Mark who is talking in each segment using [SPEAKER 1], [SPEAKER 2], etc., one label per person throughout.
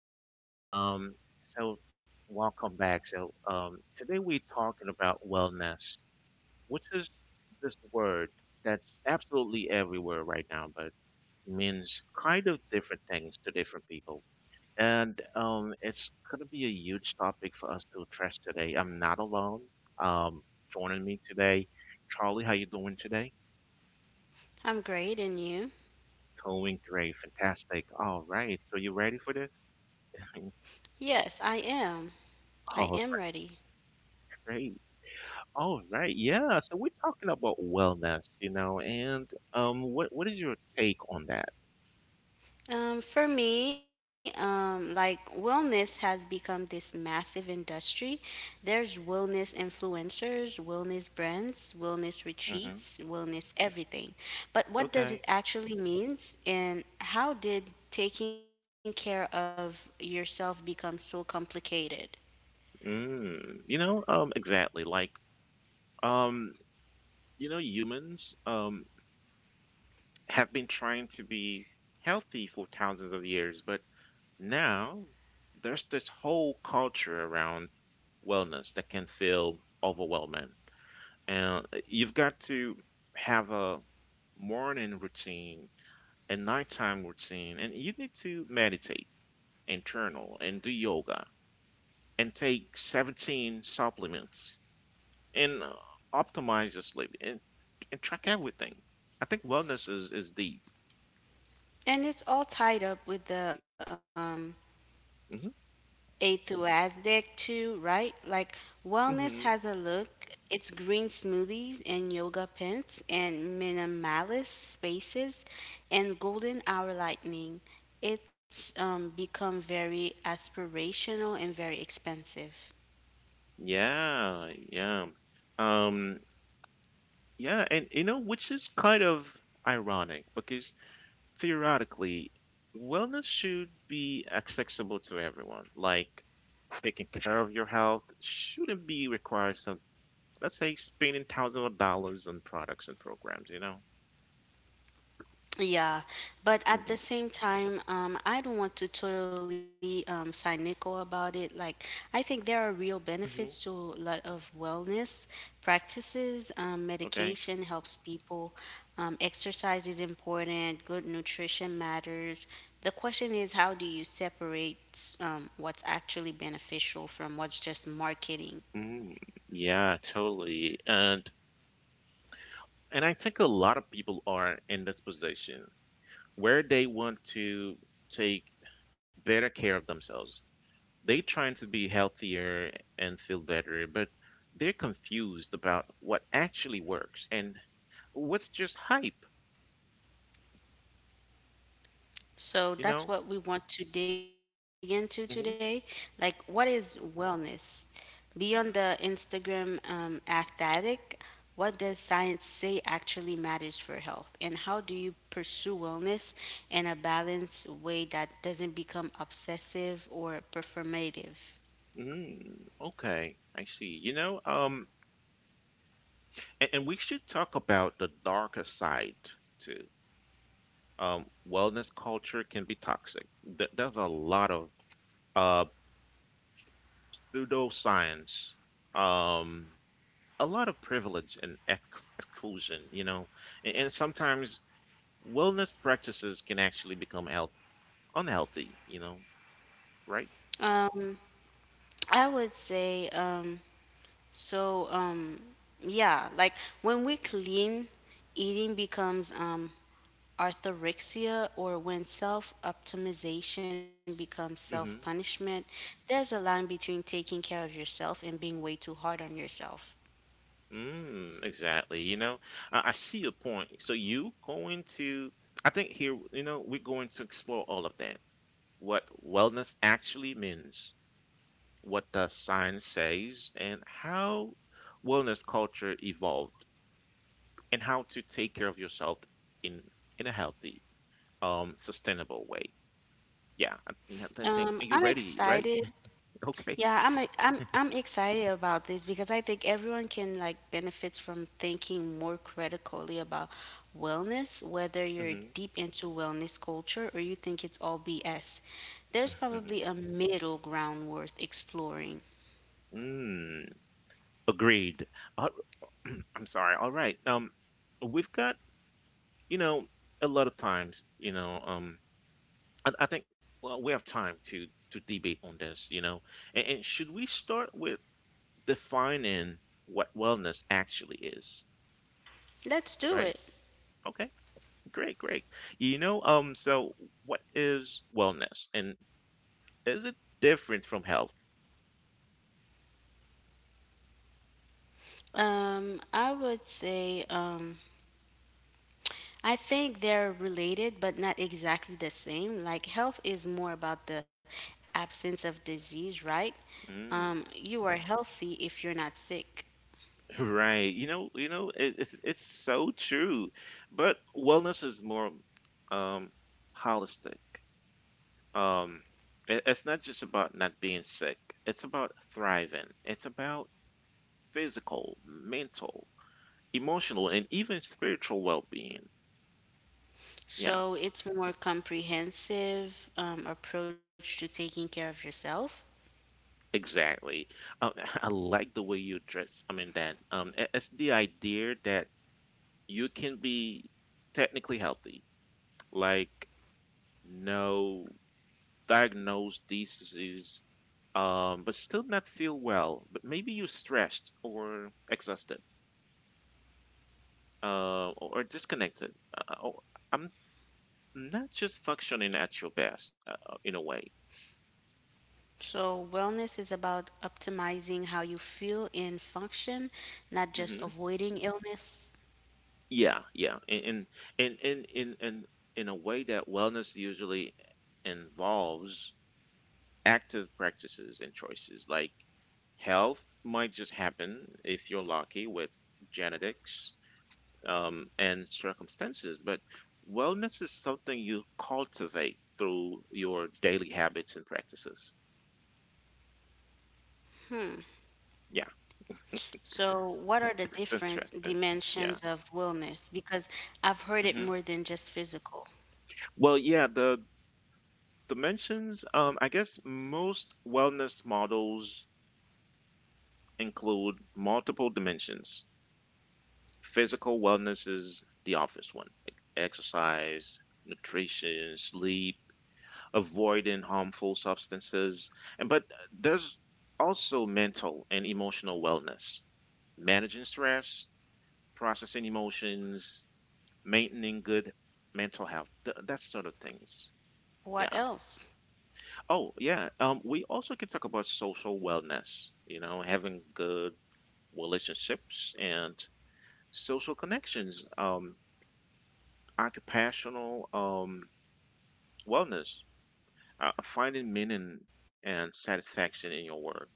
[SPEAKER 1] everyone. Um, so welcome back. Today we're talking about wellness, which is this word that's absolutely everywhere right now, but means kind of different things to different people. And It's gonna be a huge topic for us to address today. I'm not alone. Um, Joining me today, Charlie. How you doing today?
[SPEAKER 2] I'm great, and you?
[SPEAKER 1] Doing great, fantastic. All right, so you ready for this?
[SPEAKER 2] Yes, I am. I
[SPEAKER 1] All
[SPEAKER 2] am ready.
[SPEAKER 1] right. All right, yeah. So we're talking about wellness, you know, and what is your take on that?
[SPEAKER 2] For me, like wellness has become this massive industry. There's wellness influencers, wellness brands, wellness
[SPEAKER 1] Hmm
[SPEAKER 2] retreats, wellness everything. But what does it
[SPEAKER 1] Okay.
[SPEAKER 2] actually means, and how did taking care of yourself become so complicated?
[SPEAKER 1] Mm. Exactly. Um, you know, humans have been trying to be healthy for thousands of years, but now there's this whole culture around wellness that can feel overwhelming, and you've got to have a morning routine, a nighttime routine, and you need to meditate and journal and do yoga and take 17 supplements and optimize your sleep, and track everything. I think wellness is deep.
[SPEAKER 2] And it's all tied up with the
[SPEAKER 1] Hmm
[SPEAKER 2] enthusiastic too, right? Like wellness has
[SPEAKER 1] hmm
[SPEAKER 2] a look. It's green smoothies and yoga pants and minimalist spaces and golden hour lightning. It's become very aspirational and very expensive.
[SPEAKER 1] Yeah, yeah. Um, yeah, and you know, which is kind of ironic because theoretically, wellness should be accessible to everyone. Like taking care of your health shouldn't be required, let's say spending thousands of dollars on products and programs, you know?
[SPEAKER 2] Yeah, but at
[SPEAKER 1] Hmm
[SPEAKER 2] the same time, I don't want to totally cynical about it. I think there are real benefits
[SPEAKER 1] hmm
[SPEAKER 2] to a lot of wellness practices.
[SPEAKER 1] Okay.
[SPEAKER 2] Medication helps people. Exercise is important. Good nutrition matters. The question is, how do you separate what's actually beneficial from what's just marketing?
[SPEAKER 1] Mm, yeah, totally. And I think a lot of people are in this position where they want to take better care of themselves. They trying to be healthier and feel better, but they're confused about what actually works and what's just hype,
[SPEAKER 2] So
[SPEAKER 1] you
[SPEAKER 2] that's
[SPEAKER 1] know?
[SPEAKER 2] what we want to dig into today.
[SPEAKER 1] Hmm
[SPEAKER 2] Like, what is wellness? Beyond the
[SPEAKER 1] hmm
[SPEAKER 2] Instagram aesthetic, what does science say actually matters for health? And how do you pursue wellness in a balanced way that doesn't become obsessive or performative?
[SPEAKER 1] Mm, okay, I see. And we should talk about the darker side too. Wellness culture can be toxic. There's a lot of uh, pseudoscience, um, a lot of privilege and exclusion, you know. And sometimes wellness practices can actually become health unhealthy, you know, right?
[SPEAKER 2] Um, I would say, so, yeah, like when we clean, eating becomes Orthorexia, or when self optimization becomes self
[SPEAKER 1] mm
[SPEAKER 2] punishment, there's a line between taking care of yourself and being way too hard on yourself.
[SPEAKER 1] hmm Mm, exactly. You know, I see your point. So you going to, I think here, you know, we're going to explore all of that, what wellness actually means, what the science says, and how wellness culture evolved, and how to take care of yourself in in a healthy, sustainable way. I think- Are you
[SPEAKER 2] I'm
[SPEAKER 1] ready? Right?
[SPEAKER 2] excited.
[SPEAKER 1] Okay.
[SPEAKER 2] Yeah, I'm excited about this because I think everyone can like benefits from thinking more critically about wellness, whether you're
[SPEAKER 1] hmm
[SPEAKER 2] deep into wellness culture or you think it's all BS. There's
[SPEAKER 1] hmm
[SPEAKER 2] probably a middle ground worth exploring.
[SPEAKER 1] Mm, agreed. Uh, I'm sorry. All right. We've got, you know, a lot of times, you know, I think, well, we have time to debate on this, you know, and should we start defining what wellness actually is,
[SPEAKER 2] Let's do
[SPEAKER 1] right?
[SPEAKER 2] it.
[SPEAKER 1] Okay, great, great. So what is wellness, and is it different from health?
[SPEAKER 2] Um, I would say, um, I think they're related, but not exactly the same. Like health is more about the absence of disease, right?
[SPEAKER 1] Mm,
[SPEAKER 2] You are healthy if you're not sick.
[SPEAKER 1] right. You know, it's so true, but wellness is more um holistic. Um, it's not just about not being sick. It's about thriving. It's about physical, mental, emotional, and even spiritual well-being. Yeah.
[SPEAKER 2] So it's
[SPEAKER 1] So
[SPEAKER 2] more comprehensive approach to taking care of yourself.
[SPEAKER 1] exactly. Um, I like the way you dress. I mean that. It's the idea that you can be technically healthy, like no diagnosed disease, but still not feel well. But maybe you're stressed or exhausted, or disconnected. Or I'm Not just functioning at your best, in a way.
[SPEAKER 2] So wellness is about optimizing how you feel and function, not
[SPEAKER 1] Mm-hmm.
[SPEAKER 2] just avoiding illness.
[SPEAKER 1] Yeah, yeah, and in a way that wellness usually involves active practices and choices. Like health might just happen if you're lucky with genetics and circumstances, but wellness is something you cultivate through your daily habits and practices. Yeah,
[SPEAKER 2] So, what are the different
[SPEAKER 1] interesting. Yeah.
[SPEAKER 2] dimensions of wellness? Because I've heard it
[SPEAKER 1] hmm
[SPEAKER 2] more than just physical.
[SPEAKER 1] Well, yeah, the dimensions, I guess most wellness models include multiple dimensions. Physical wellness is the obvious one, like exercise, nutrition, sleep, avoiding harmful substances. And but there's also mental and emotional wellness, managing stress, processing emotions, maintaining good mental health, that sort of things. Yeah.
[SPEAKER 2] What else?
[SPEAKER 1] Oh, yeah. We also can talk about social wellness, you know, having good relationships and social connections, occupational wellness, finding meaning and satisfaction in your work,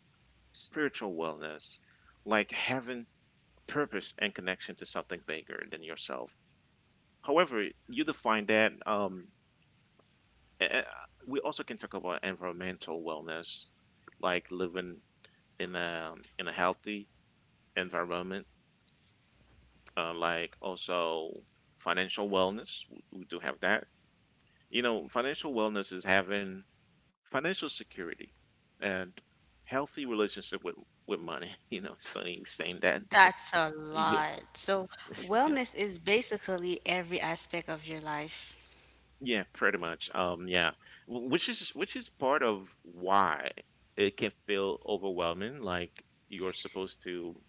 [SPEAKER 1] spiritual wellness, like having purpose and connection to something bigger than yourself. However, you define that. A- a- we also can talk about environmental wellness, like living in a in a healthy environment, like also financial wellness. We do have that. You know, financial wellness is having financial security and healthy relationship with money. You know, Sonny was saying that.
[SPEAKER 2] That's a
[SPEAKER 1] Yeah,
[SPEAKER 2] lot. So,
[SPEAKER 1] yeah,
[SPEAKER 2] wellness is basically every aspect of your life.
[SPEAKER 1] yeah, pretty much. Yeah, which is part of why it can feel overwhelming. Like you're supposed to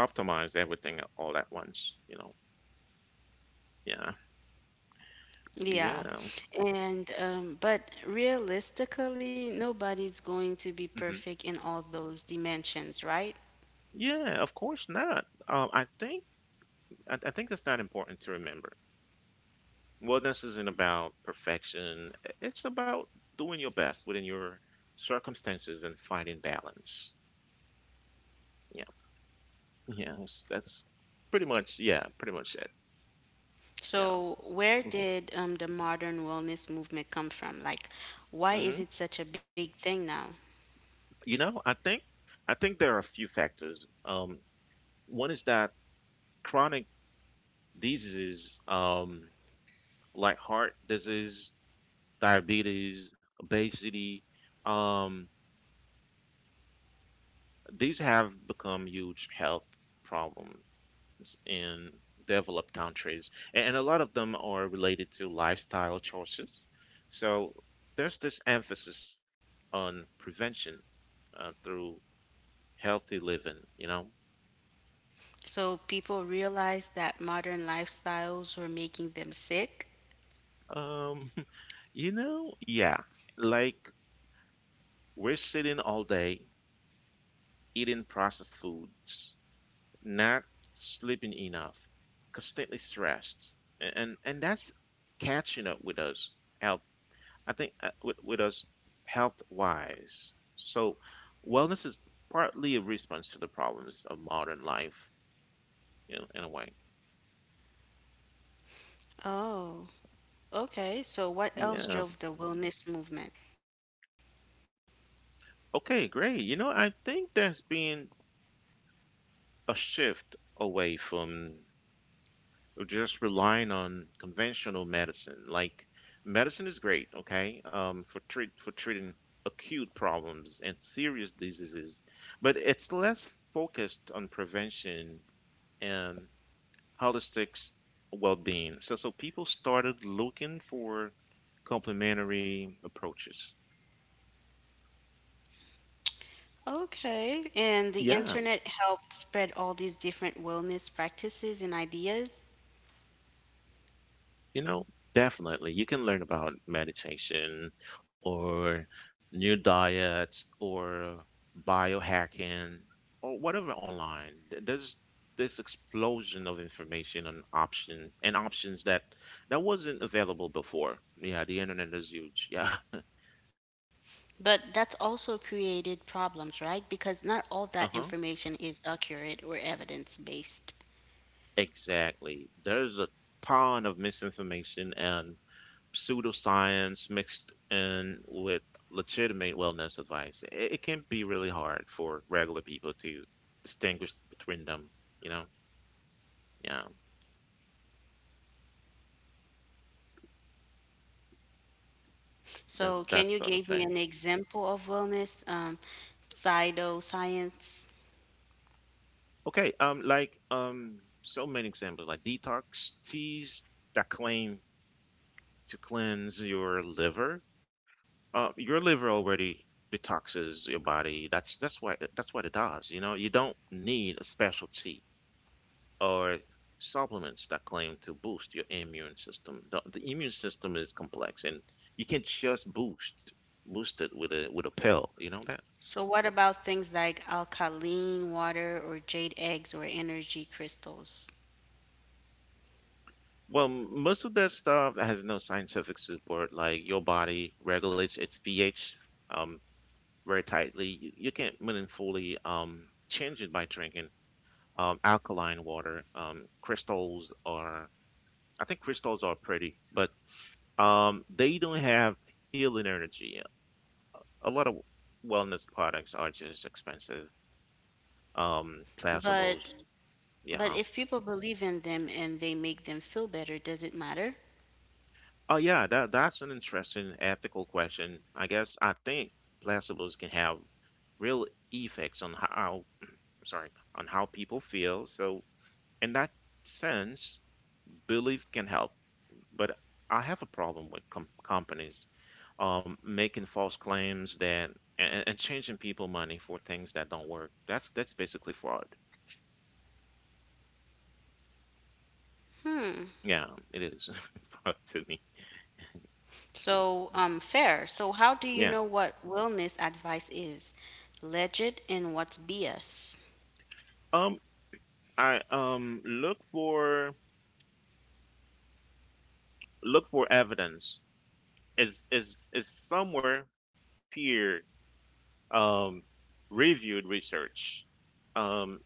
[SPEAKER 1] optimize everything all at once. You know. Yeah.
[SPEAKER 2] Yeah.
[SPEAKER 1] Yeah.
[SPEAKER 2] And, but realistically, nobody's going to be perfect
[SPEAKER 1] hmm
[SPEAKER 2] in all those dimensions, right?
[SPEAKER 1] Yeah. Of course not. I think that's not important to remember. Wellness isn't about perfection. It's about doing your best within your circumstances and finding balance. Yeah. Yeah. That's pretty much it. Yeah.
[SPEAKER 2] So, where
[SPEAKER 1] hmm
[SPEAKER 2] did the modern wellness movement come from? Like, why
[SPEAKER 1] hmm
[SPEAKER 2] is it such a big thing now?
[SPEAKER 1] You know, I think there are a few factors. One is that chronic diseases, like heart disease, diabetes, obesity, um, these have become huge health problems in developed countries, and a lot of them are related to lifestyle choices. So there's this emphasis on prevention, through healthy living, you know?
[SPEAKER 2] So people realized that modern lifestyles were making them sick.
[SPEAKER 1] Um, you know, yeah, like we're sitting all day eating processed foods, not sleeping enough, constantly stressed, and that's catching up with us health I think with us health wise. So wellness is partly a response to the problems of modern life in a way.
[SPEAKER 2] Oh, okay. So what else
[SPEAKER 1] Yeah.
[SPEAKER 2] drove the wellness movement?
[SPEAKER 1] Okay, great. You know, I think there's been a shift away from just relying on conventional medicine. Like medicine is great, okay, for treating acute problems and serious diseases, but it's less focused on prevention and holistic well-being. So people started looking for complementary approaches.
[SPEAKER 2] Okay. And the
[SPEAKER 1] Yeah,
[SPEAKER 2] internet helped spread all these different wellness practices and ideas.
[SPEAKER 1] you know, definitely. You can learn about meditation or new diets or biohacking or whatever online. There's this explosion of information and options that that wasn't available before. Yeah, the internet is huge. Yeah.
[SPEAKER 2] But that's also created problems, right? Because not all that information is accurate or evidence based.
[SPEAKER 1] Exactly. There's a ton of misinformation and pseudoscience mixed in with legitimate wellness advice. It can be really hard for regular people to distinguish between them, you know? Yeah, that
[SPEAKER 2] So,
[SPEAKER 1] that
[SPEAKER 2] can you
[SPEAKER 1] sort of
[SPEAKER 2] give me
[SPEAKER 1] thing.
[SPEAKER 2] an example of wellness, pseudoscience?
[SPEAKER 1] Okay, so many examples like detox teas that claim to cleanse your liver. Your liver already detoxes your body. That's what it does. You know, you don't need a specialty, or supplements that claim to boost your immune system. The immune system is complex, and you can just boost it with a pill. You know that.
[SPEAKER 2] So what about things like alkaline water or jade eggs or energy crystals?
[SPEAKER 1] Well, most of that stuff has no scientific support. Like your body regulates its pH um very tightly. You can't meaningfully change it by drinking alkaline water. I think crystals are pretty, but they don't have healing energy. A lot of wellness products are just expensive.
[SPEAKER 2] But
[SPEAKER 1] Placebos,
[SPEAKER 2] but
[SPEAKER 1] yeah.
[SPEAKER 2] if people believe in them and they make them feel better, does it matter?
[SPEAKER 1] Oh yeah, that that's an interesting ethical question. I guess I think placebos can have real effects sorry, on how people feel. So in that sense, belief can help. But I have a problem with companies making false claims that and changing people money for things that don't work. That's basically fraud. Yeah, it is fraud to me.
[SPEAKER 2] So
[SPEAKER 1] Mm.
[SPEAKER 2] fair. So how do
[SPEAKER 1] Yeah.
[SPEAKER 2] you know what wellness advice is? Legit and what's BS?
[SPEAKER 1] Um, I look for look for evidence. Is somewhere peer um reviewed research um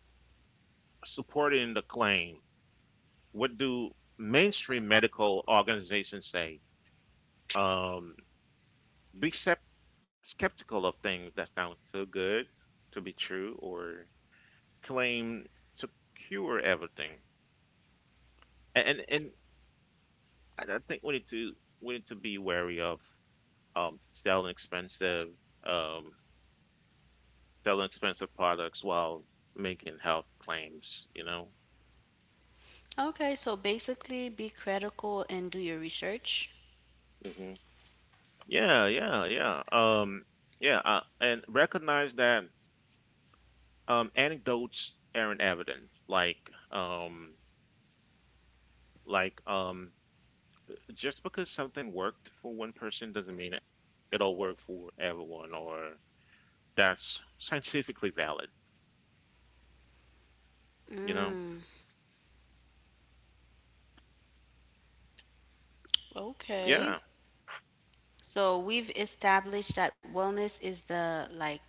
[SPEAKER 1] supporting the claim? What do mainstream medical organizations say? Um, Be skeptical of things that sound too good to be true or claim to cure everything. And I think we need to be wary of um selling expensive um selling expensive products while making health claims, you know.
[SPEAKER 2] Okay, so basically be critical and do your research.
[SPEAKER 1] Hmm Yeah, yeah, yeah. Yeah, and recognize that anecdotes aren't evidence, um like just because something worked for one person doesn't mean it'll work for everyone or that's scientifically valid, you know?
[SPEAKER 2] Okay.
[SPEAKER 1] Yeah.
[SPEAKER 2] So we've established that wellness is the like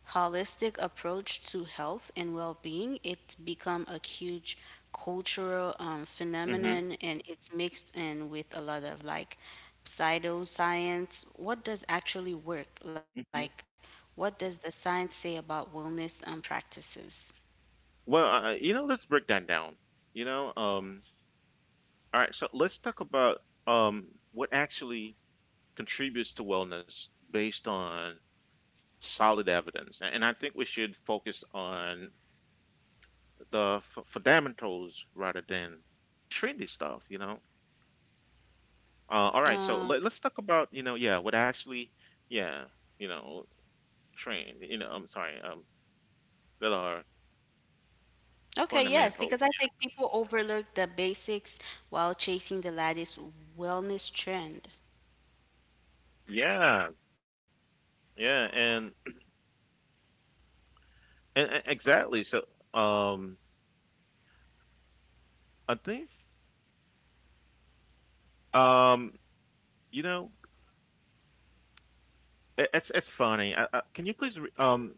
[SPEAKER 2] holistic approach to health and well-being. It's become a huge cultural
[SPEAKER 1] hmm
[SPEAKER 2] phenomenon, and it's mixed in with a lot of like pseudoscience. What does actually work? Like,
[SPEAKER 1] hmm
[SPEAKER 2] what does the science say about wellness practices?
[SPEAKER 1] Well, you know, let's break that down. You know, um, all right, so let's talk about um, what actually contributes to wellness based on solid evidence. And I think we should focus on the fundamentals rather than trendy stuff, you know? All right, so
[SPEAKER 2] Um,
[SPEAKER 1] let's talk about, you know, yeah, what actually, yeah, you know, train, you know, I'm sorry, that are
[SPEAKER 2] okay, yes,
[SPEAKER 1] fundamental.
[SPEAKER 2] because I think people overlook the basics while chasing the latest wellness trend.
[SPEAKER 1] Yeah, yeah, and, and exactly. So, um, I think, um, you know, it's funny.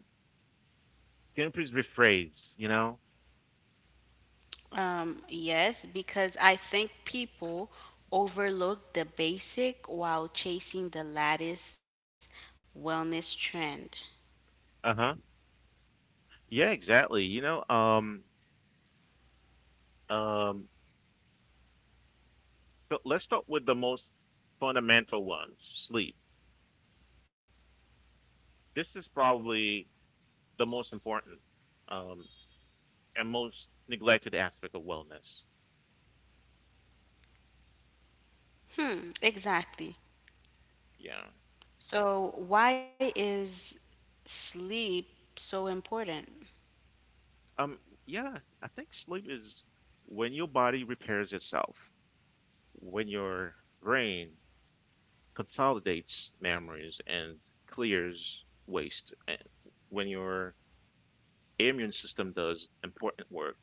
[SPEAKER 1] Can you please rephrase, you know?
[SPEAKER 2] Yes, because I think people overlook the basic while chasing the latest wellness trend.
[SPEAKER 1] Uh-huh. Yeah, exactly. Um, so let's start with the most fundamental one, sleep. This is probably the most important um, and most neglected aspect of wellness.
[SPEAKER 2] Hmm, exactly.
[SPEAKER 1] Yeah.
[SPEAKER 2] So, why is sleep so important?
[SPEAKER 1] Um. Yeah. I think sleep is when your body repairs itself, when your brain consolidates memories and clears waste, and when your immune system does important work.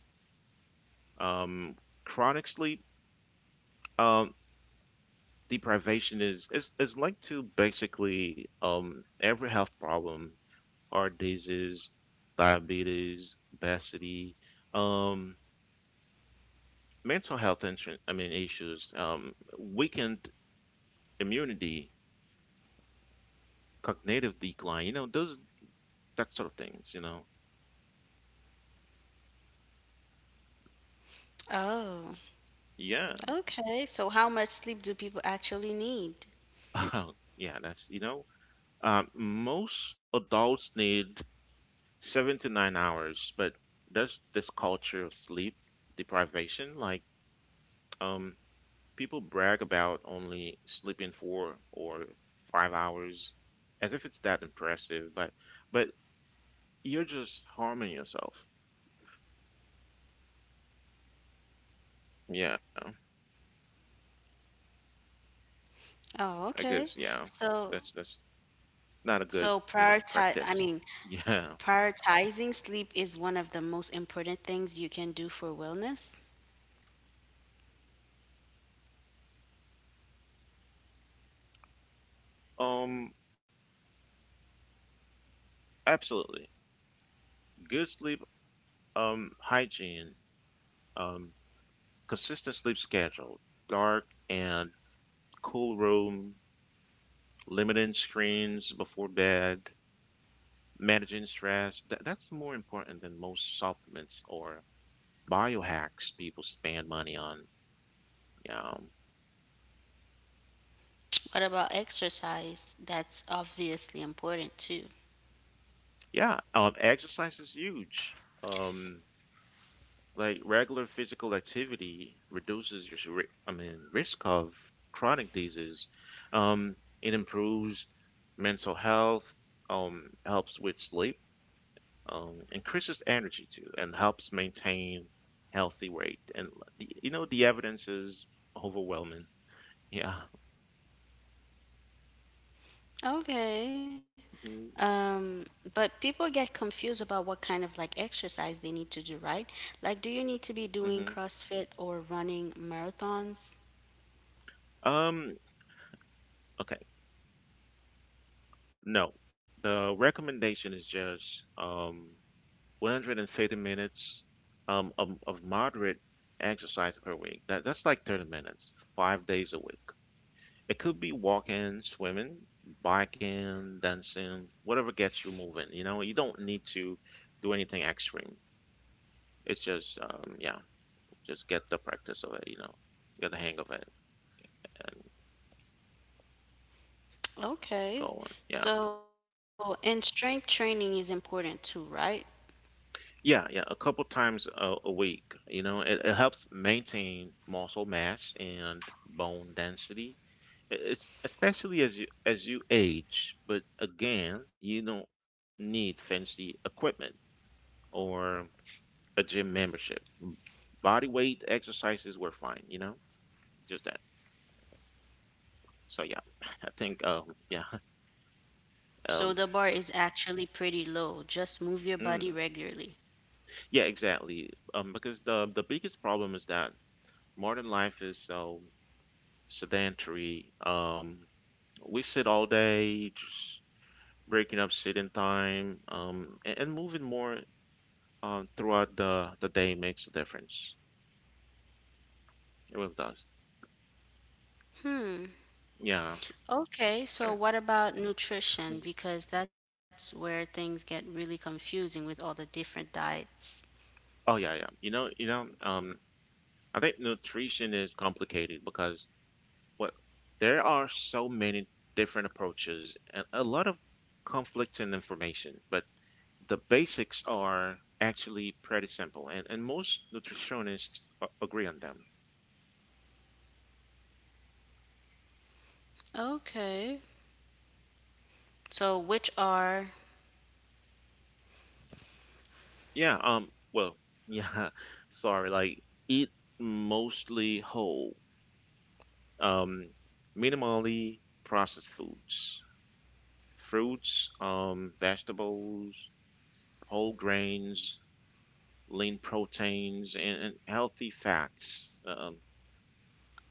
[SPEAKER 1] Um. Chronic sleep. Um. Deprivation is linked to basically every health problem, heart disease, diabetes, obesity, um, mental health issues, weakened immunity, cognitive decline, you know, those that sort of things, you know.
[SPEAKER 2] Oh,
[SPEAKER 1] Yeah.
[SPEAKER 2] okay. So, how much sleep do people actually need?
[SPEAKER 1] Yeah. Most adults need 7 to 9 hours, but that's this culture of sleep deprivation, like um people brag about only sleeping 4 or 5 hours as if it's that impressive, but you're just harming yourself. Yeah, I guess, yeah. That's
[SPEAKER 2] Oh, okay.
[SPEAKER 1] it's not a
[SPEAKER 2] So,
[SPEAKER 1] good practice.
[SPEAKER 2] so
[SPEAKER 1] Yeah.
[SPEAKER 2] prioritize, I mean, prioritizing sleep is one of the most important things you can do for wellness.
[SPEAKER 1] Um, absolutely. Good sleep, hygiene, um, consistent sleep schedule, dark and cool room, limiting screens before bed, managing stress, that's more important than most supplements or biohacks people spend money on. Um,
[SPEAKER 2] What about exercise? That's obviously important too.
[SPEAKER 1] yeah, exercise is huge. Um, like regular physical activity reduces your risk of chronic disease. Um, it improves mental health, helps with sleep, increases energy too, and helps maintain healthy weight. And the evidence is overwhelming. Yeah.
[SPEAKER 2] Okay.
[SPEAKER 1] Mhm,
[SPEAKER 2] Um, but people get confused about what kind of like exercise they need to do, right? Like, do you need to be
[SPEAKER 1] mhm.
[SPEAKER 2] doing CrossFit or running marathons?
[SPEAKER 1] Um, okay. No. The recommendation is just 150 minutes of moderate exercise per week. That's like 30 minutes, 5 days a week. It could be walking, swimming, biking, dancing, whatever gets you moving. You know, you don't need to do anything extreme. It's just just get the practice of it, you know, get the hang of it and go
[SPEAKER 2] Okay.
[SPEAKER 1] on. Yeah.
[SPEAKER 2] So, and strength training is important too, right?
[SPEAKER 1] Yeah, yeah, a couple times a week. You know, it helps maintain muscle mass and bone density. It's especially as you age, but again, you don't need fancy equipment or a gym membership. Body weight exercises were fine, you know, just that. So yeah, I think yeah
[SPEAKER 2] So
[SPEAKER 1] um
[SPEAKER 2] the bar is actually pretty low. Just move your
[SPEAKER 1] mm,
[SPEAKER 2] body regularly.
[SPEAKER 1] yeah, exactly, because the biggest problem is that modern life is so sedentary. We sit all day, just breaking up sitting time, and moving more, throughout the day makes a difference. It really does. Yeah.
[SPEAKER 2] Okay, so
[SPEAKER 1] Sure.
[SPEAKER 2] what about nutrition?
[SPEAKER 1] Mhm.
[SPEAKER 2] Because that's where things get really confusing with all the different diets.
[SPEAKER 1] Oh yeah, yeah. You know, I think nutrition is complicated because what there are so many different approaches and a lot of conflict and information, but the basics are actually pretty simple and most nutritionists agree on them.
[SPEAKER 2] Okay. So which are
[SPEAKER 1] Yeah, well, yeah, sorry, like eat mostly whole, um, minimally processed foods, fruits, vegetables, whole grains, lean proteins, and healthy fats.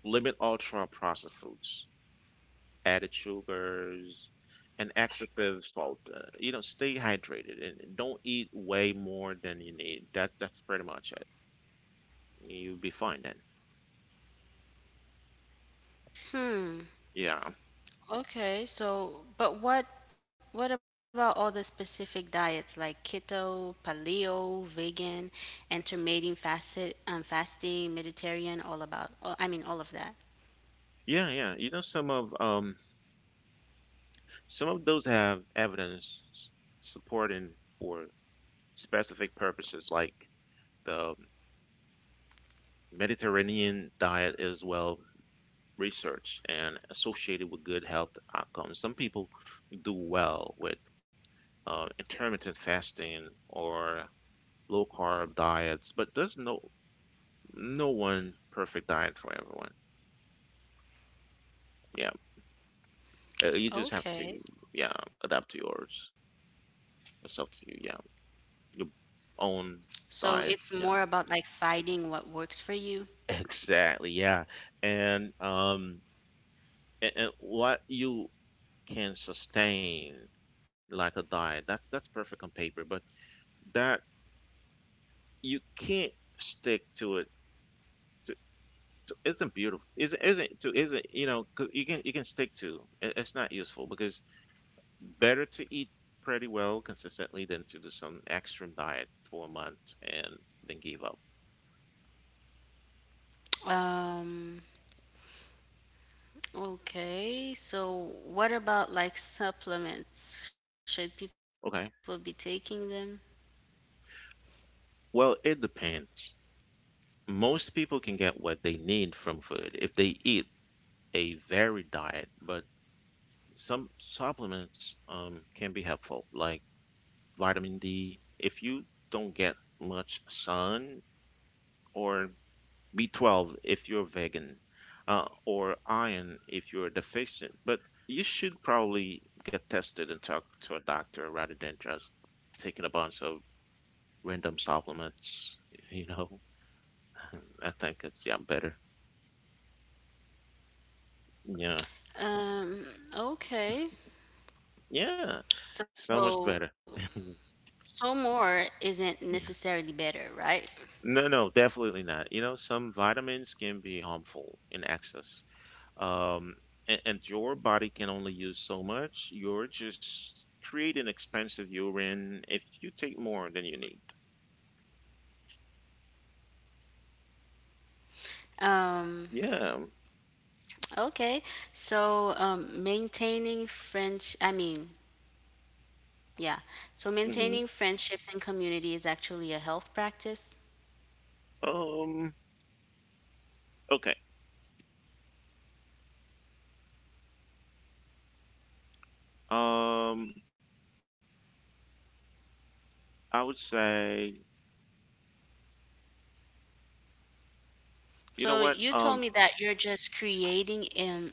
[SPEAKER 1] Limit ultra processed foods, added sugars, and excessive salt. You know, stay hydrated and don't eat way more than you need. That's pretty much it. You'll be fine then. Yeah,
[SPEAKER 2] okay, so but what about all the specific diets like keto, paleo, vegan, intermittent fasted, fasting, Mediterranean, all about all, I mean all of that.
[SPEAKER 1] yeah, yeah. You know, some of those have evidence supporting for specific purposes, like the Mediterranean diet is well researched and associated with good health outcomes. Some people do well with intermittent fasting or low carb diets, but there's no one perfect diet for everyone. Yeah, you just have to
[SPEAKER 2] Okay.
[SPEAKER 1] yeah adapt to yourself to yeah. Your own
[SPEAKER 2] So it's
[SPEAKER 1] diet,
[SPEAKER 2] more
[SPEAKER 1] yeah.
[SPEAKER 2] about like finding what works for you.
[SPEAKER 1] Exactly, yeah. And what you can sustain like a diet, that's perfect on paper, but that you can't stick to it to, to isn't you know, 'cause you can stick to it, it's not useful because better to eat pretty well consistently than to do some extreme diet for a month and then give up.
[SPEAKER 2] Um Okay, so what about like supplements? Should people be taking
[SPEAKER 1] Okay,
[SPEAKER 2] them?
[SPEAKER 1] well, it depends. Most people can get what they need from food if they eat a varied diet, but some supplements, can be helpful, like vitamin D if you don't get much sun, or B12 if you're vegan, or iron if you're deficient. But you should probably get tested and talk to a doctor rather than just taking a bunch of random supplements. You know, I think it's better. Yeah,
[SPEAKER 2] Um, okay.
[SPEAKER 1] yeah. So much better.
[SPEAKER 2] So, so more isn't necessarily better, right?
[SPEAKER 1] No, no, definitely not. You know, some vitamins can be harmful in excess. Um, and your body can only use so much. You're just creating expensive urine if you take more than you need.
[SPEAKER 2] Um,
[SPEAKER 1] Yeah.
[SPEAKER 2] okay. So, maintaining French, I mean, yeah. So
[SPEAKER 1] Hmm.
[SPEAKER 2] maintaining friendships and community is actually a health practice.
[SPEAKER 1] Um, okay. Um, I would say, you know
[SPEAKER 2] So
[SPEAKER 1] what?
[SPEAKER 2] you told me that you're just creating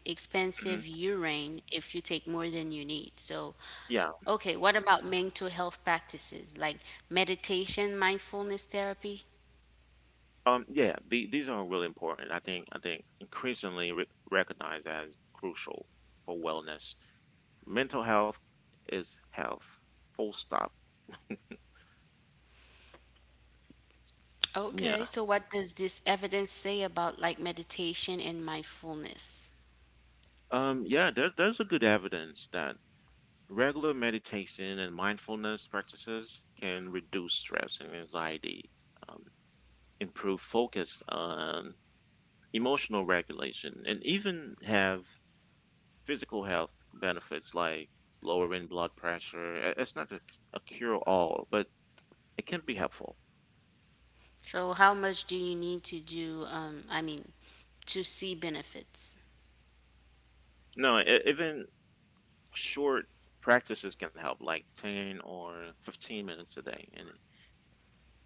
[SPEAKER 1] Mhm,
[SPEAKER 2] expensive urine if you take more than you need. So,
[SPEAKER 1] yeah.
[SPEAKER 2] okay, what about mental health practices like meditation, mindfulness therapy?
[SPEAKER 1] Yeah, these are really important. I think increasingly re recognized as crucial for wellness. Mental health is health, full stop.
[SPEAKER 2] Okay,
[SPEAKER 1] Yeah,
[SPEAKER 2] so what does this evidence say about like meditation and mindfulness?
[SPEAKER 1] yeah, there's a good evidence that regular meditation and mindfulness practices can reduce stress and anxiety, um, improve focus on emotional regulation and even have physical health benefits like lowering blood pressure. It's not a cure all, but it can be helpful.
[SPEAKER 2] So how much do you need to do, I mean, to see benefits?
[SPEAKER 1] No e- even short practices can help, like 10 or 15 minutes a day. And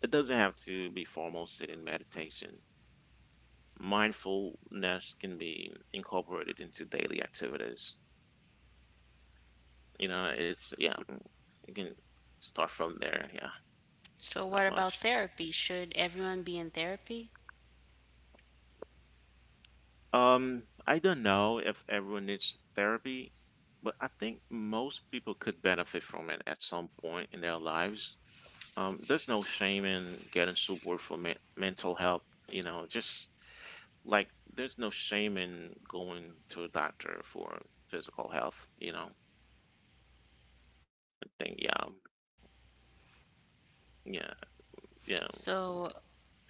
[SPEAKER 1] it doesn't have to be formal sitting meditation. Mindfulness can be incorporated into daily activities. You know, it's, yeah, you can start from there. Yeah,
[SPEAKER 2] So
[SPEAKER 1] not
[SPEAKER 2] what about
[SPEAKER 1] much.
[SPEAKER 2] therapy? Should everyone be in therapy?
[SPEAKER 1] I don't know if everyone needs therapy, but I think most people could benefit from it at some point in their lives. There's no shame in getting support for mental health. You know, just like there's no shame in going to a doctor for physical health, you know. I think yeah, yeah,
[SPEAKER 2] So
[SPEAKER 1] yeah.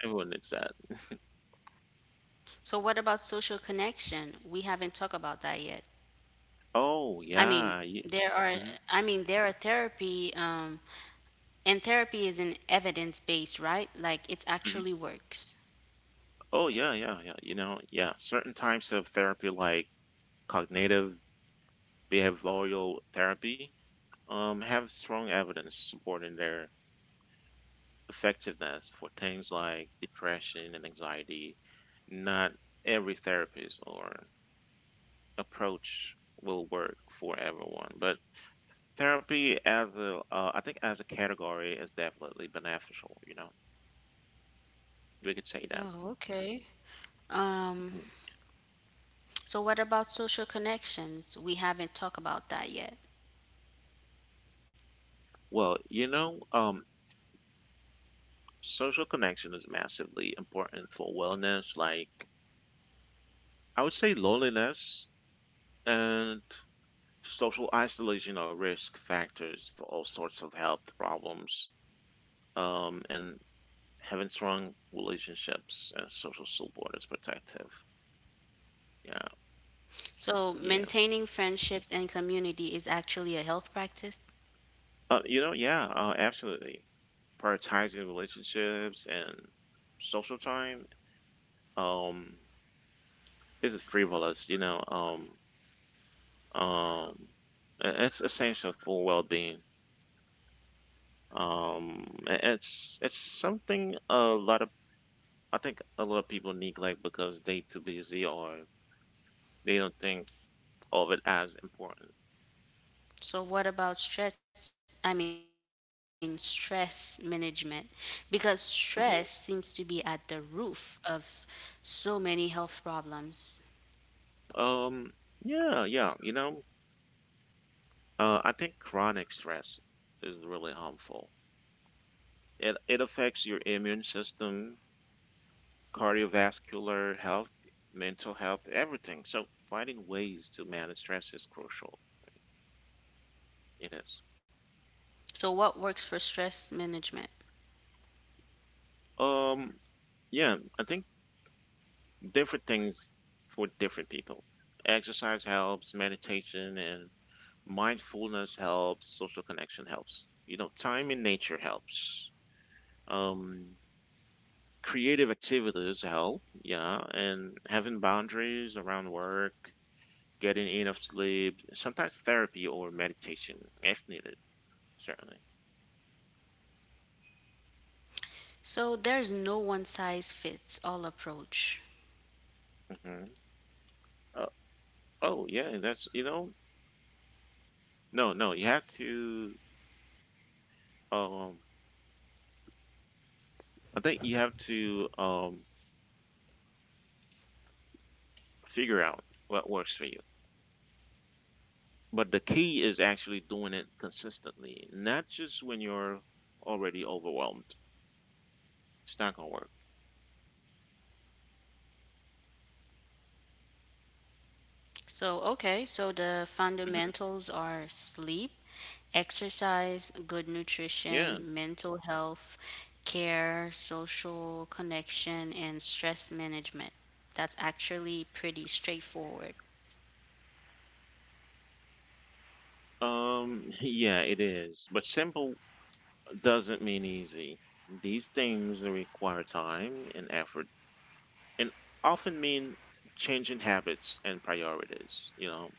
[SPEAKER 1] Everyone needs that.
[SPEAKER 2] So what about social connection? We haven't talked about that yet.
[SPEAKER 1] Oh
[SPEAKER 2] I mean,
[SPEAKER 1] yeah, yeah.
[SPEAKER 2] there are
[SPEAKER 1] Hmm.
[SPEAKER 2] I mean there are therapy and therapy is an evidence based, right? Like it
[SPEAKER 1] Hmm.
[SPEAKER 2] actually works.
[SPEAKER 1] Oh yeah, yeah, yeah. You know, yeah. Certain types of therapy, like cognitive behavioral therapy, have strong evidence supporting their effectiveness for things like depression and anxiety. Not every therapist or approach will work for everyone, but therapy as a, I think as a category is definitely beneficial, you know. We could say that.
[SPEAKER 2] Oh, okay. Um
[SPEAKER 1] Mhm.
[SPEAKER 2] so what about social connections? We haven't talked about that yet.
[SPEAKER 1] Well, you know, social connection is massively important for wellness. Like, I would say loneliness and social isolation are risk factors to all sorts of health problems. And having strong relationships and social support is protective. Yeah,
[SPEAKER 2] So
[SPEAKER 1] yeah.
[SPEAKER 2] maintaining friendships and community is actually a health practice.
[SPEAKER 1] You know, yeah, absolutely. Prioritizing relationships and social time um is frivolous, you know um it's essential for well-being. It's something a lot of, I think a lot of people neglect because they too busy or they don't think of it as important.
[SPEAKER 2] So what about stress? I mean, stress management, because stress seems to be at
[SPEAKER 1] Mhm.
[SPEAKER 2] the roof of so many health problems.
[SPEAKER 1] um yeah, you know, I think chronic stress is really harmful. It affects your immune system, cardiovascular health, mental health, everything. So finding ways to manage stress is crucial. It is.
[SPEAKER 2] So what works for stress management?
[SPEAKER 1] Um, yeah, I think different things for different people. Exercise helps, meditation and mindfulness helps, social connection helps. You know, time in nature helps. Um, creative activities help, yeah, and having boundaries around work, getting enough sleep, sometimes therapy or meditation if needed. Certainly.
[SPEAKER 2] So there's no one size fits all approach.
[SPEAKER 1] Hmm. Uh, oh yeah, and that's you know no, no, you have to um I think you have to um figure out what works for you. But the key is actually doing it consistently, not just when you're already overwhelmed. It's not gonna work.
[SPEAKER 2] So, okay, so the
[SPEAKER 1] Mhm.
[SPEAKER 2] fundamentals are sleep, exercise, good
[SPEAKER 1] Yeah.
[SPEAKER 2] nutrition, mental health, care, social connection, and stress management. That's actually pretty straightforward.
[SPEAKER 1] Yeah, it is. But simple doesn't mean easy. These things require time and effort, and often mean changing habits and priorities. You know,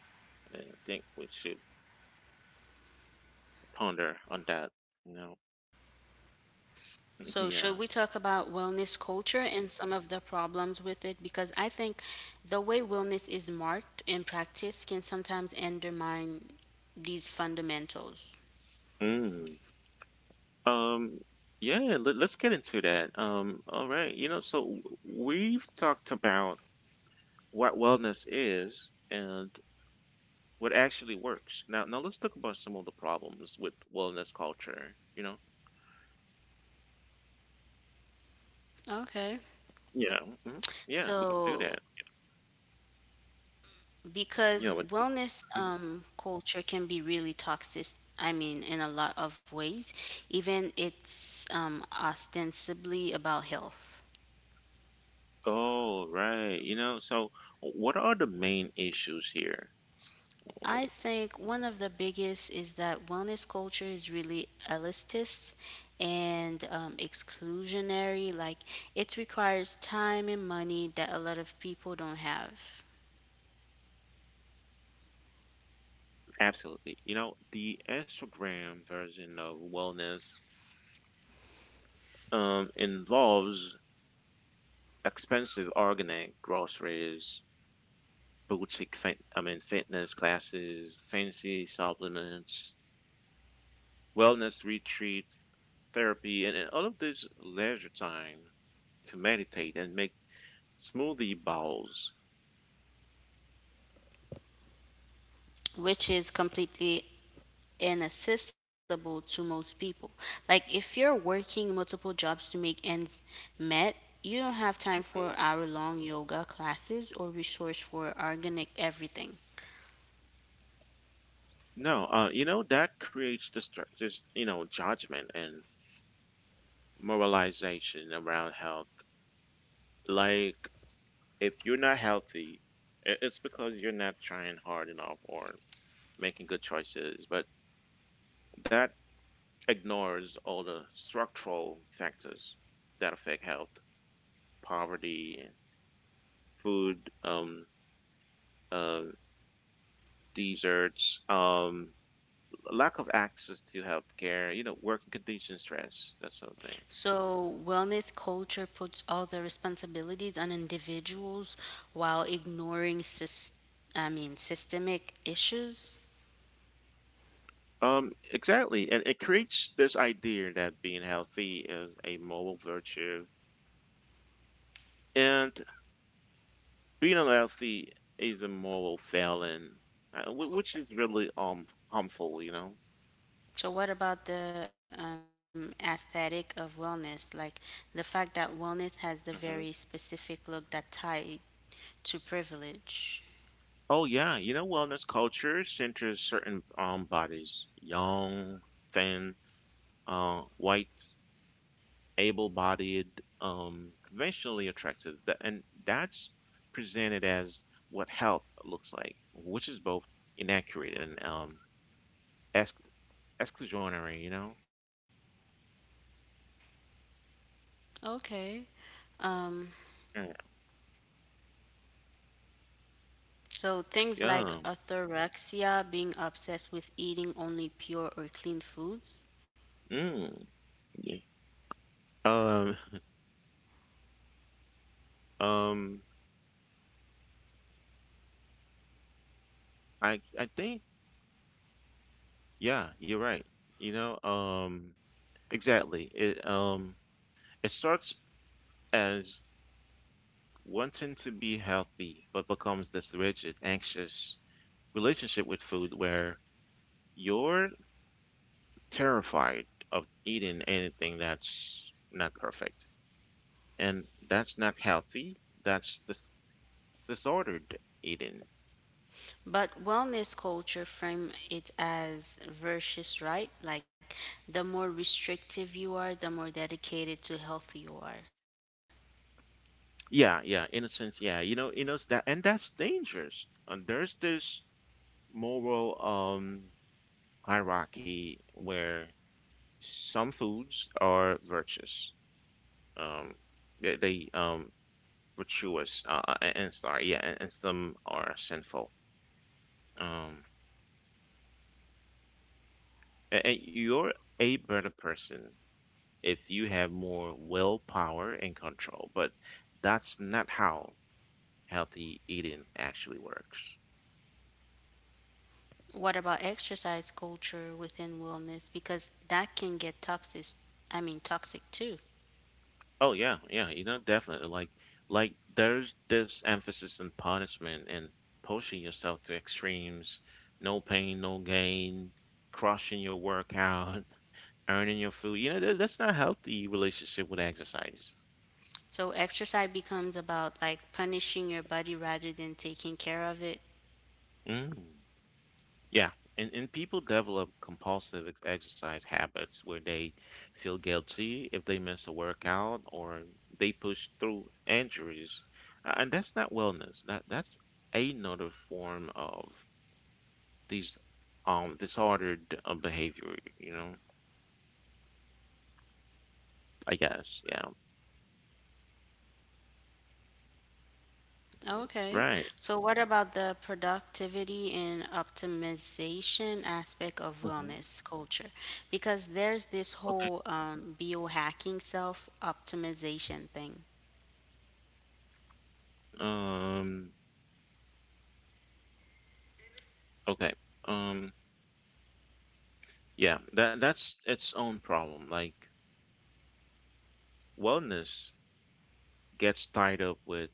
[SPEAKER 1] I think we should ponder on that. You know,
[SPEAKER 2] So, should we talk about wellness
[SPEAKER 1] yeah.
[SPEAKER 2] culture and some of the problems with it? Because I think the way wellness is marked and practiced can sometimes undermine these fundamentals.
[SPEAKER 1] Mm. Um, yeah, let's get into that. All right. You know, so we've talked about what wellness is and what actually works. Now let's talk about some of the problems with wellness culture. You know,
[SPEAKER 2] Okay.
[SPEAKER 1] yeah, mhm, yeah, we can do
[SPEAKER 2] So,
[SPEAKER 1] that. Yeah,
[SPEAKER 2] because
[SPEAKER 1] but,
[SPEAKER 2] wellness
[SPEAKER 1] mhm.
[SPEAKER 2] culture can be really toxic. I mean, in a lot of ways, even it's ostensibly about health.
[SPEAKER 1] Oh, right. You know, so what are the main issues here?
[SPEAKER 2] I think one of the biggest is that wellness culture is really elitist and exclusionary. Like it requires time and money that a lot of people don't have,
[SPEAKER 1] Absolutely. You know, the Instagram version of wellness, involves expensive organic groceries, boutique fitness classes, fancy supplements, wellness retreats, therapy, and all of this leisure time to meditate and make smoothie bowls.
[SPEAKER 2] which is completely and accessible to most people. Like if you're working multiple jobs to make ends met, you don't have time
[SPEAKER 1] Mhm.
[SPEAKER 2] for hour long yoga classes or resource for organic everything.
[SPEAKER 1] No, you know, that creates this, this, you know, judgment and moralization around health. Like, if you're not healthy, it's because you're not trying hard enough or making good choices. But that ignores all the structural factors that affect health, poverty, food, uh, deserts, lack of access to health care, you know, working conditions, stress, that sort of thing.
[SPEAKER 2] So, wellness culture puts all the responsibilities on individuals while ignoring I mean systemic issues.
[SPEAKER 1] Exactly. And it creates this idea that being healthy is a moral virtue. And being unhealthy is a moral failing, which is really harmful, you know.
[SPEAKER 2] So, what about the aesthetic of wellness? Like the fact that wellness has the very
[SPEAKER 1] Hmm.
[SPEAKER 2] specific look that tied to privilege.
[SPEAKER 1] Oh yeah, you know, wellness culture centers certain bodies, young, thin, white, able-bodied, conventionally attractive. And that's presented as what health looks like, which is both inaccurate and ex- exclusionary, you know?
[SPEAKER 2] Okay. Um,
[SPEAKER 1] Mm.
[SPEAKER 2] so things like
[SPEAKER 1] Yeah.
[SPEAKER 2] orthorexia, being obsessed with eating only pure or clean foods.
[SPEAKER 1] Mm. Yeah. Um. Um. I think yeah, you're right. You know, exactly. It it starts as wanting to be healthy, but becomes this rigid, anxious relationship with food where you're terrified of eating anything that's not perfect. And that's not healthy. That's this disordered eating.
[SPEAKER 2] But wellness culture frame it as versus, right? Like the more restrictive you are, the more dedicated to health you are.
[SPEAKER 1] Yeah, yeah, in a sense, yeah. You know that and that's dangerous. And there's this moral hierarchy where some foods are virtuous, um, they virtuous, and sorry, yeah, and some are sinful. Um, and you're a better person if you have more willpower and control, but that's not how healthy eating actually works.
[SPEAKER 2] What about exercise culture within wellness? Because that can get toxic, I mean, toxic too.
[SPEAKER 1] Oh yeah, yeah, you know, definitely. Like there's this emphasis on punishment and pushing yourself to extremes, no pain, no gain, crushing your workout, earning your food. You know, that's not healthy relationship with exercise.
[SPEAKER 2] So exercise becomes about like punishing your body rather than taking care of it.
[SPEAKER 1] Mm. Yeah, and people develop compulsive exercise habits where they feel guilty if they miss a workout or they push through injuries. And that's not wellness. That's another form of these disordered behavior, you know, I guess. Yeah.
[SPEAKER 2] Okay.
[SPEAKER 1] Right.
[SPEAKER 2] So what about the productivity and optimization aspect of
[SPEAKER 1] Hmm.
[SPEAKER 2] wellness culture? Because there's this
[SPEAKER 1] Okay.
[SPEAKER 2] whole biohacking self optimization thing.
[SPEAKER 1] Um okay. Um yeah, that's its own problem. Like wellness gets tied up with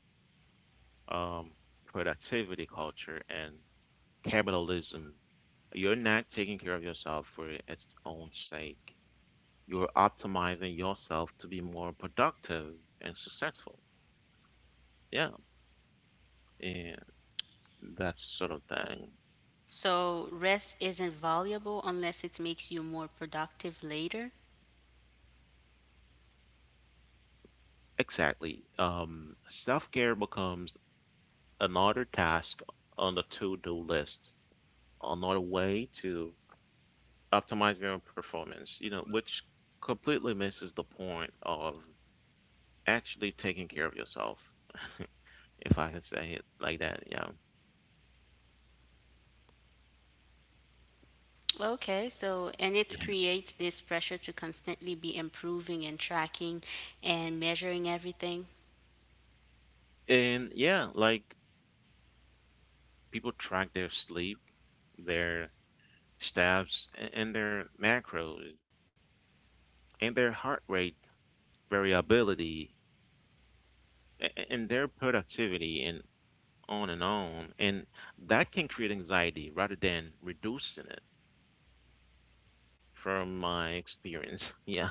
[SPEAKER 1] um productivity culture and capitalism. You're not taking care of yourself for its own sake. You're optimizing yourself to be more productive and successful. Yeah. and That sort of thing.
[SPEAKER 2] So rest isn't valuable unless it makes you more productive later.
[SPEAKER 1] Exactly. Self-care becomes another task on the to-do list, another way to optimize your performance, you know, which completely misses the point of actually taking care of yourself, if I can say it like that, yeah.
[SPEAKER 2] Okay, so and it
[SPEAKER 1] Yeah.
[SPEAKER 2] creates this pressure to constantly be improving and tracking and measuring everything.
[SPEAKER 1] And yeah, like people track their sleep, their steps, and their macros, and their heart rate variability, and their productivity, and on and on. And that can create anxiety rather than reducing it from my experience. Yeah.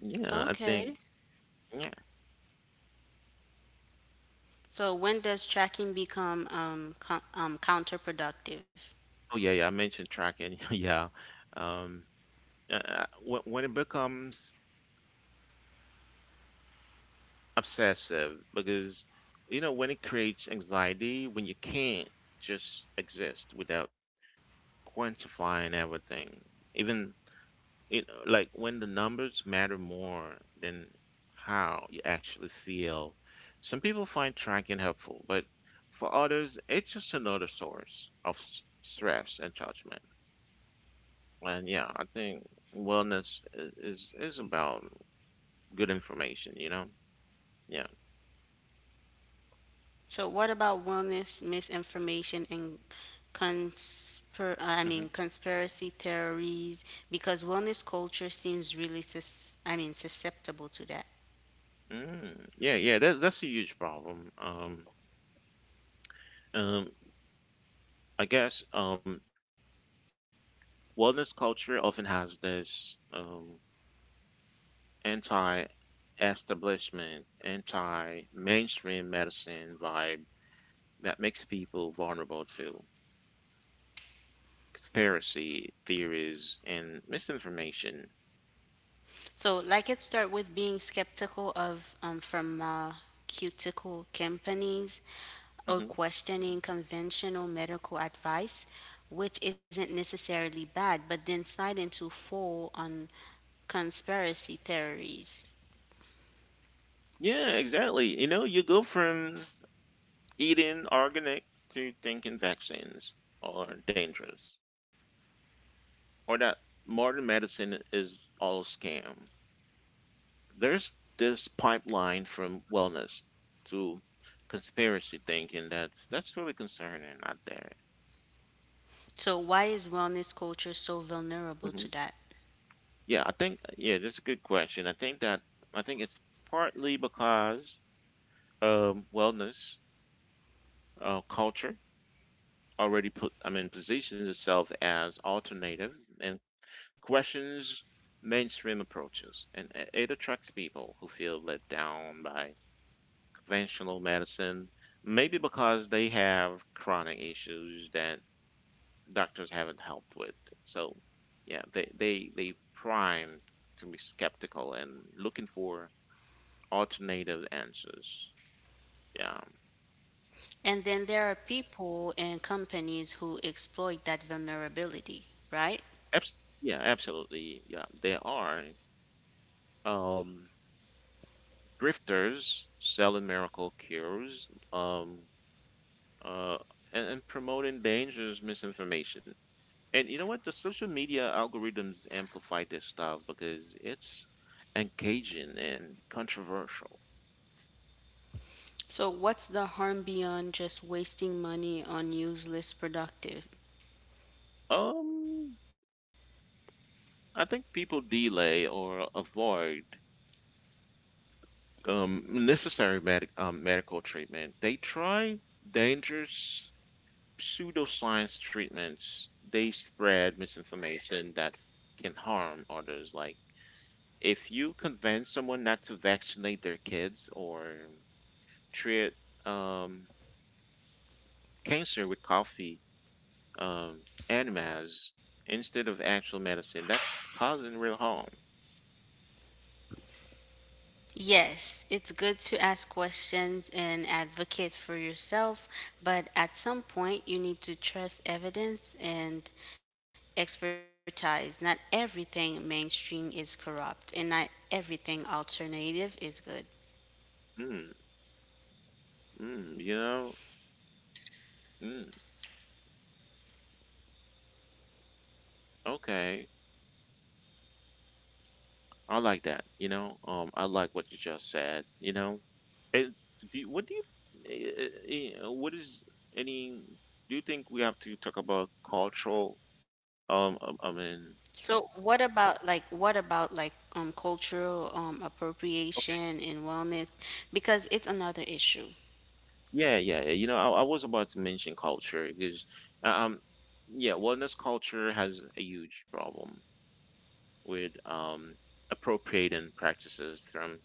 [SPEAKER 1] Yeah.
[SPEAKER 2] Okay.
[SPEAKER 1] Yeah.
[SPEAKER 2] So when does tracking become counterproductive?
[SPEAKER 1] Oh, yeah. Yeah. I mentioned tracking. Yeah. Um, when it becomes obsessive, because, you know, when it creates anxiety, when you can't just exist without quantifying everything, even you know, like when the numbers matter more than how you actually feel. Some people find tracking helpful, but for others, it's just another source of stress and judgment. And yeah, I think wellness is about good information, you know? Yeah.
[SPEAKER 2] So what about wellness misinformation and I
[SPEAKER 1] Hmm.
[SPEAKER 2] mean conspiracy theories? Because wellness culture seems really I mean susceptible to that.
[SPEAKER 1] Mm. Yeah, yeah, that's a huge problem. Um, I guess um, Wellness culture often has this anti-establishment, anti-mainstream medicine vibe that makes people vulnerable to conspiracy theories and misinformation.
[SPEAKER 2] So, like it start with being skeptical of pharmaceutical companies or
[SPEAKER 1] Hmm.
[SPEAKER 2] questioning conventional medical advice, which isn't necessarily bad, but then slide into full on conspiracy theories.
[SPEAKER 1] Yeah, exactly. You know, you go from eating organic to thinking vaccines are dangerous, or that modern medicine is all scam. There's this pipeline from wellness to conspiracy thinking that's really concerning out there.
[SPEAKER 2] So, why is wellness culture so vulnerable to that?
[SPEAKER 1] Yeah, I think yeah, that's a good question. I think it's partly because wellness culture already put I mean positions itself as alternative and questions mainstream approaches, and it attracts people who feel let down by conventional medicine, maybe because they have chronic issues that doctors haven't helped with. So yeah, they primed to be skeptical and looking for alternative answers. Yeah.
[SPEAKER 2] And then there are people and companies who exploit that vulnerability, right?
[SPEAKER 1] Abs- yeah, absolutely. Yeah, there are. Um, Grifters selling miracle cures, uh, and promoting dangerous misinformation. And you know what? The social media algorithms amplify this stuff because it's engaging and controversial.
[SPEAKER 2] So, what's the harm beyond just wasting money on useless productive?
[SPEAKER 1] Um, I think people delay or avoid necessary medical treatment. They try dangerous pseudoscience treatments, they spread misinformation that can harm others. Like, if you convince someone not to vaccinate their kids or treat um, cancer with coffee enemas instead of actual medicine, that's causing real harm.
[SPEAKER 2] Yes, it's good to ask questions and advocate for yourself, but at some point you need to trust evidence and expertise. Not everything mainstream is corrupt, and not everything alternative is good.
[SPEAKER 1] Mm, mm, you know? Mm, okay. I like that. You know? I like what you just said. You know? And do you- what do you eh, eh, eh, what is any do you think we have to talk about cultural um um, I mean
[SPEAKER 2] What about like cultural appropriation
[SPEAKER 1] okay
[SPEAKER 2] and wellness because it's another issue.
[SPEAKER 1] yeah, yeah, yeah, you know, I was about to mention culture because um yeah, wellness culture has a huge problem with appropriating practices from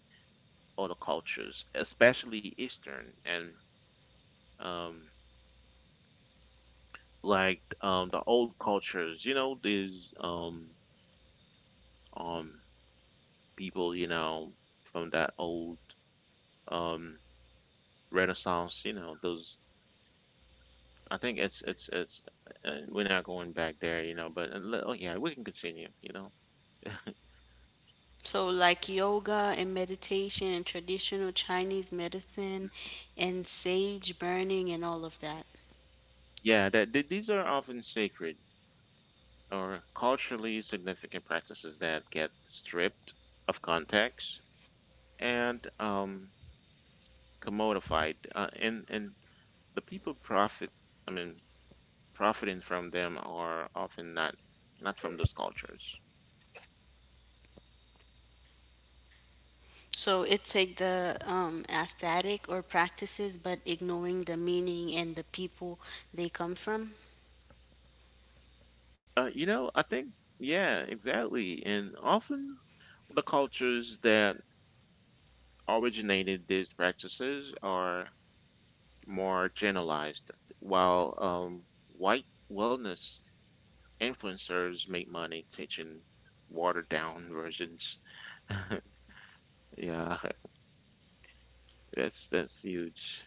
[SPEAKER 1] other cultures, especially Eastern and um the old cultures, you know, these um people, you know, from that old um Renaissance, you know, those. I think it's we're not going back there, you know. But oh yeah, we can continue, you know.
[SPEAKER 2] So, like yoga and meditation and traditional Chinese medicine and sage burning and all of that.
[SPEAKER 1] Yeah, these are often sacred or culturally significant practices that get stripped of context and commodified, and the people profit. I mean, profiting from them are often not from those cultures.
[SPEAKER 2] So, it take the aesthetic or practices, but ignoring the meaning and the people they come from.
[SPEAKER 1] Uh, you know, I think, yeah, exactly. And often the cultures that originated these practices are more generalized, while white wellness influencers make money teaching watered down versions. Yeah, that's huge,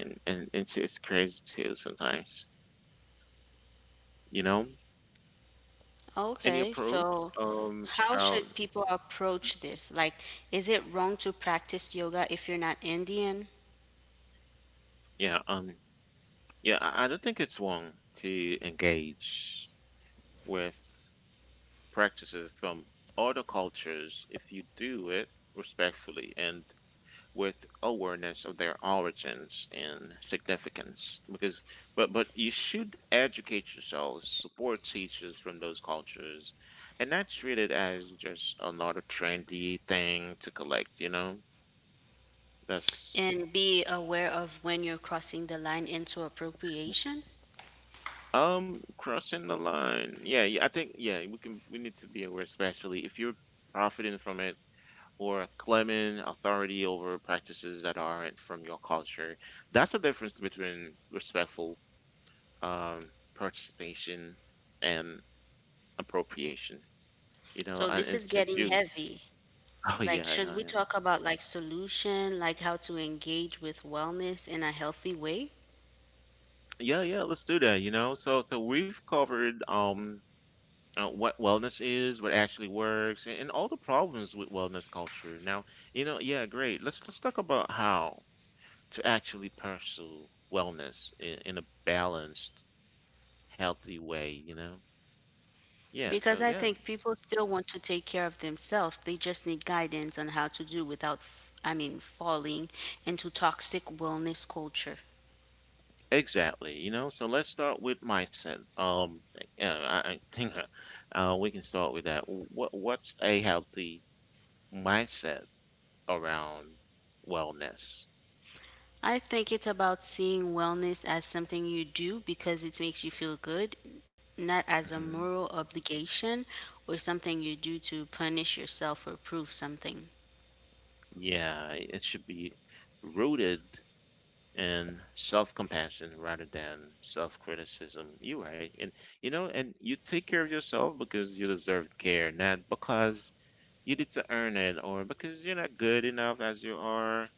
[SPEAKER 1] and it's crazy too sometimes. You know, any
[SPEAKER 2] Okay,
[SPEAKER 1] approach
[SPEAKER 2] so how
[SPEAKER 1] about
[SPEAKER 2] should people approach this? Like, is it wrong to practice yoga if you're not Indian?
[SPEAKER 1] yeah yeah, I don't think it's wrong to engage with practices from other cultures if you do it respectfully and with awareness of their origins and significance, because but you should educate yourselves, support teachers from those cultures, and not treat it as just another trendy thing to collect, you know, that's
[SPEAKER 2] And be aware of when you're crossing the line into appropriation.
[SPEAKER 1] crossing the line. Yeah, yeah, I think, yeah, we can we need to be aware, especially if you're profiting from it or claiming authority over practices that aren't from your culture. That's the difference between respectful participation and appropriation. You know,
[SPEAKER 2] So,
[SPEAKER 1] and
[SPEAKER 2] this is
[SPEAKER 1] it's
[SPEAKER 2] getting
[SPEAKER 1] you.
[SPEAKER 2] heavy.
[SPEAKER 1] Oh
[SPEAKER 2] Like,
[SPEAKER 1] yeah,
[SPEAKER 2] should
[SPEAKER 1] yeah,
[SPEAKER 2] we
[SPEAKER 1] yeah,
[SPEAKER 2] talk about like solution, like how to engage with wellness in a healthy way?
[SPEAKER 1] yeah, yeah. Let's do that. You know, so we've covered what wellness is, what actually works, and all the problems with wellness culture. Now, you know, yeah, great. Let's talk about how to actually pursue wellness in a balanced healthy way, you know? Yeah, so
[SPEAKER 2] Because I
[SPEAKER 1] yeah,
[SPEAKER 2] think people still want to take care of themselves. They just need guidance on how to do without, I mean, falling into toxic wellness culture.
[SPEAKER 1] exactly, you know? So let's start with mindset. Yeah, I think we can start with that. What's a healthy mindset around wellness?
[SPEAKER 2] I think it's about seeing wellness as something you do because it makes you feel good, not as a
[SPEAKER 1] Mhm.
[SPEAKER 2] moral obligation or something you do to punish yourself or prove something.
[SPEAKER 1] Yeah, it should be rooted in self-compassion rather than self-criticism. You're right. And you know, and you take care of yourself because you deserve care, not because you need to earn it or because you're not good enough as you are,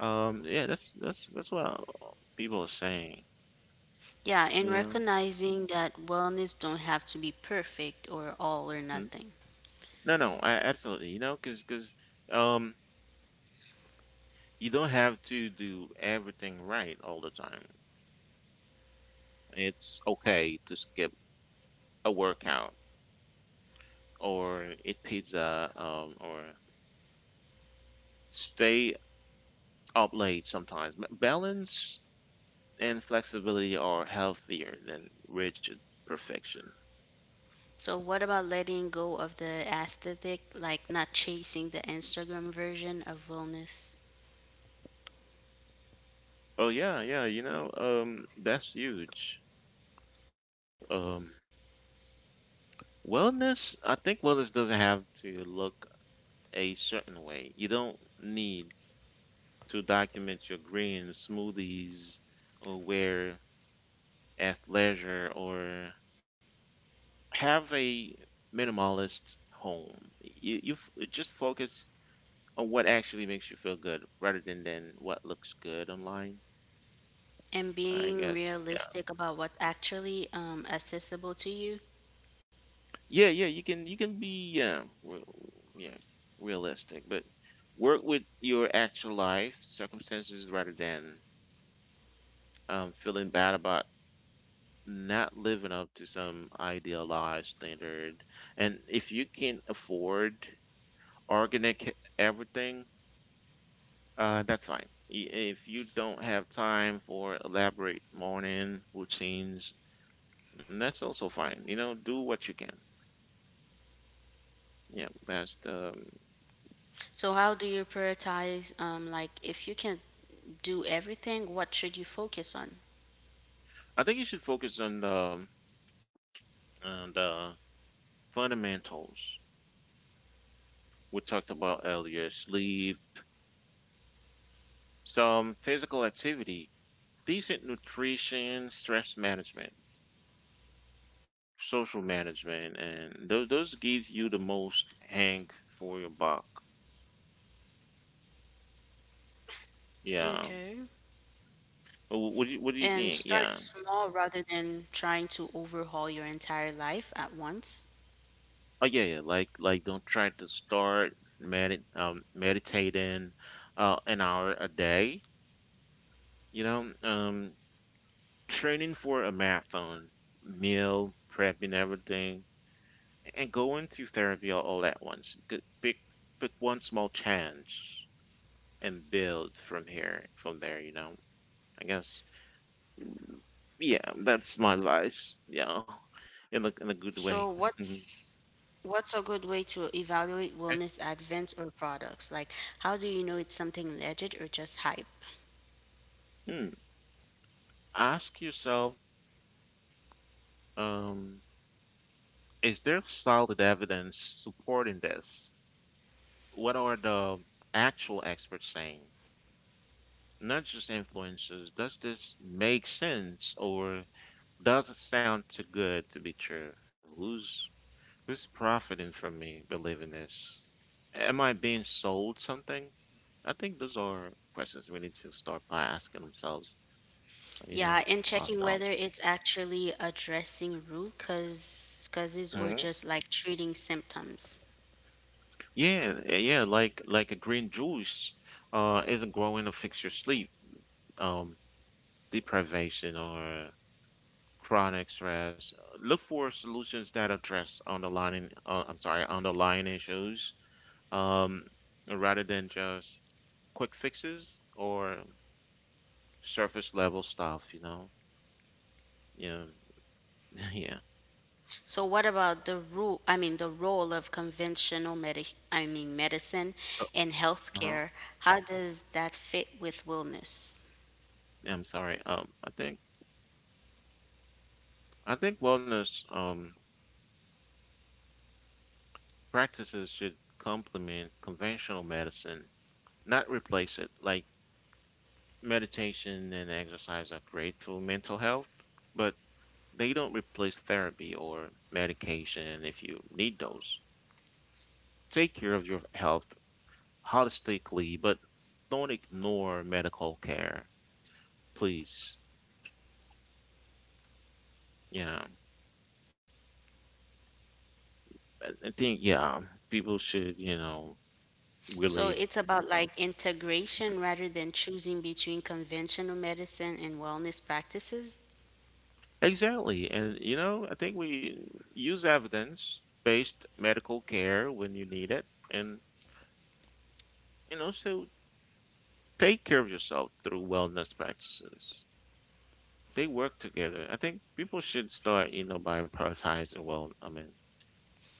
[SPEAKER 1] yeah, that's what people are saying,
[SPEAKER 2] Yeah, and
[SPEAKER 1] you know.
[SPEAKER 2] recognizing that wellness don't have to be perfect or all or
[SPEAKER 1] Mhm.
[SPEAKER 2] nothing.
[SPEAKER 1] no no I absolutely, you know, because because um you don't have to do everything right all the time. It's okay to skip a workout or eat pizza or stay up late sometimes. Balance and flexibility are healthier than rigid perfection.
[SPEAKER 2] So what about letting go of the aesthetic, like not chasing the Instagram version of wellness?
[SPEAKER 1] Oh yeah, yeah, you know, that's huge. Um, wellness, I think Wellness doesn't have to look a certain way. You don't need to document your green smoothies or wear athleisure or have a minimalist home. You just focus on what actually makes you feel good rather than what looks good online,
[SPEAKER 2] And
[SPEAKER 1] I
[SPEAKER 2] being
[SPEAKER 1] guess.
[SPEAKER 2] realistic about what's actually accessible to you.
[SPEAKER 1] Yeah, yeah, you can be yeah, re- yeah, realistic, but work with your actual life circumstances rather than feeling bad about not living up to some idealized standard. And if you can afford organic everything, that's fine. If you don't have time for elaborate morning routines, that's also fine. You know, do what you can. Yeah, best.
[SPEAKER 2] So how do you prioritize like if you can do everything, what should you focus on?
[SPEAKER 1] I think you should focus on and fundamentals we talked about earlier: sleep, some physical activity, decent nutrition, stress management, social management, and those gives you the most hang for your buck.
[SPEAKER 2] Okay.
[SPEAKER 1] Yeah. Wh- What do you,
[SPEAKER 2] And
[SPEAKER 1] what do you
[SPEAKER 2] start
[SPEAKER 1] think? Yeah.
[SPEAKER 2] small rather than trying to overhaul your entire life at once.
[SPEAKER 1] Oh yeah, yeah. Like don't try to start meditating an hour a day, you know, training for a marathon, meal prepping everything, and go into therapy all at once. Pick one small change and build from here from there, you know. I guess. Yeah, that's my advice. Yeah. In a
[SPEAKER 2] So
[SPEAKER 1] good way.
[SPEAKER 2] what's what's a good way to evaluate wellness
[SPEAKER 1] Okay.
[SPEAKER 2] advents or products? Like how do you know it's something legit or just hype?
[SPEAKER 1] Hmm. Ask yourself, um, is there solid evidence supporting this? What are the actual experts saying? Not just influencers. Does this make sense, or does it sound too good to be true? Who's Who's profiting from me believing this? Am I being sold something? I think those are questions we need to start by asking ourselves, you
[SPEAKER 2] Yeah,
[SPEAKER 1] know,
[SPEAKER 2] and checking whether
[SPEAKER 1] ourselves.
[SPEAKER 2] it's actually addressing root causes or
[SPEAKER 1] Mhm.
[SPEAKER 2] just like treating symptoms.
[SPEAKER 1] Yeah, like a green juice isn't growing to fix your sleep, um, deprivation or chronic stress. Look for solutions that address underlying underlying issues, um, rather than just quick fixes or surface level stuff, you know? Yeah. Yeah.
[SPEAKER 2] So what about the rule I mean the role of conventional medic I mean medicine
[SPEAKER 1] Uh
[SPEAKER 2] and
[SPEAKER 1] huh.
[SPEAKER 2] healthcare? How does that fit with wellness?
[SPEAKER 1] Yeah, I'm sorry. I think wellness practices should complement conventional medicine, not replace it. Like meditation and exercise are great for mental health, but they don't replace therapy or medication if you need those. Take care of your health holistically, but don't ignore medical care, please. Yeah. I think, yeah, people should, you know,
[SPEAKER 2] So
[SPEAKER 1] really
[SPEAKER 2] it's about like integration rather than choosing between conventional medicine and wellness practices.
[SPEAKER 1] exactly. And you know, I think we use evidence-based medical care when you need it, and also take care of yourself through wellness practices. They work together. I think people should start, you know, by prioritizing well, I mean,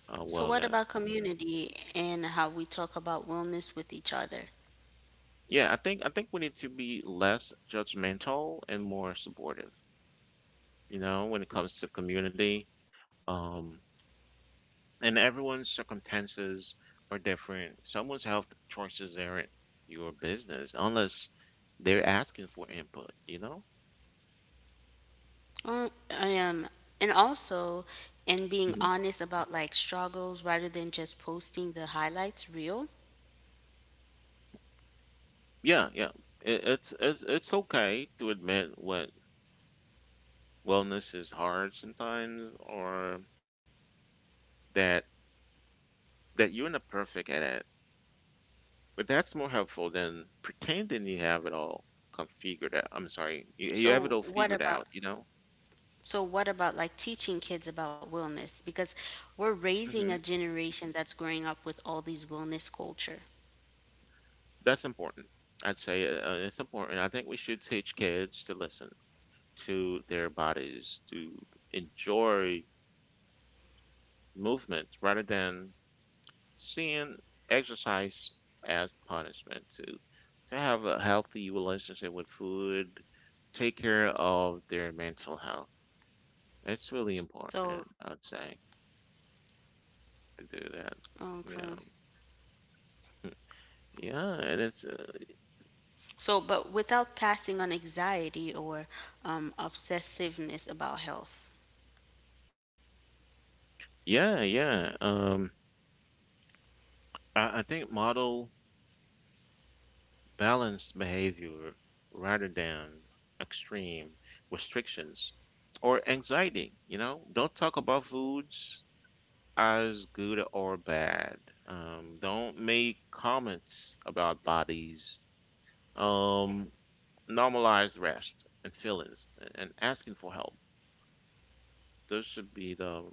[SPEAKER 1] uh,
[SPEAKER 2] So what about
[SPEAKER 1] wellness.
[SPEAKER 2] community and how we talk about wellness with each other?
[SPEAKER 1] Yeah, I think we need to be less judgmental and more supportive, you know, when it comes to community. Um, and everyone's circumstances are different. Someone's health choices aren't your business unless they're asking for input, you know?
[SPEAKER 2] Um, um, and also, and being
[SPEAKER 1] Mhm.
[SPEAKER 2] honest about like struggles rather than just posting the highlights real.
[SPEAKER 1] Yeah, yeah. It, it's okay to admit what wellness is hard sometimes, or that that you're not perfect at it. But that's more helpful than pretending you have it all come figured out. I'm sorry, you have it
[SPEAKER 2] So
[SPEAKER 1] all
[SPEAKER 2] what
[SPEAKER 1] figured
[SPEAKER 2] about
[SPEAKER 1] out, you know?
[SPEAKER 2] so what about like teaching kids about wellness? Because we're raising a
[SPEAKER 1] Hmm.
[SPEAKER 2] generation that's growing up with all these wellness culture.
[SPEAKER 1] That's important. I'd say it's important. I think we should teach kids to listen to their bodies, to enjoy movement rather than seeing exercise as punishment, to have a healthy relationship with food, take care of their mental health. It's really
[SPEAKER 2] So
[SPEAKER 1] important, I'd say, to do that.
[SPEAKER 2] okay.
[SPEAKER 1] Yeah, yeah, and it's
[SPEAKER 2] So, but without passing on anxiety or obsessiveness about health.
[SPEAKER 1] yeah, yeah, I think model balanced behavior rather than extreme restrictions or anxiety. You know, don't talk about foods as good or bad. Don't make comments about bodies. Um, Normalize rest and feelings and asking for help. Those should be the,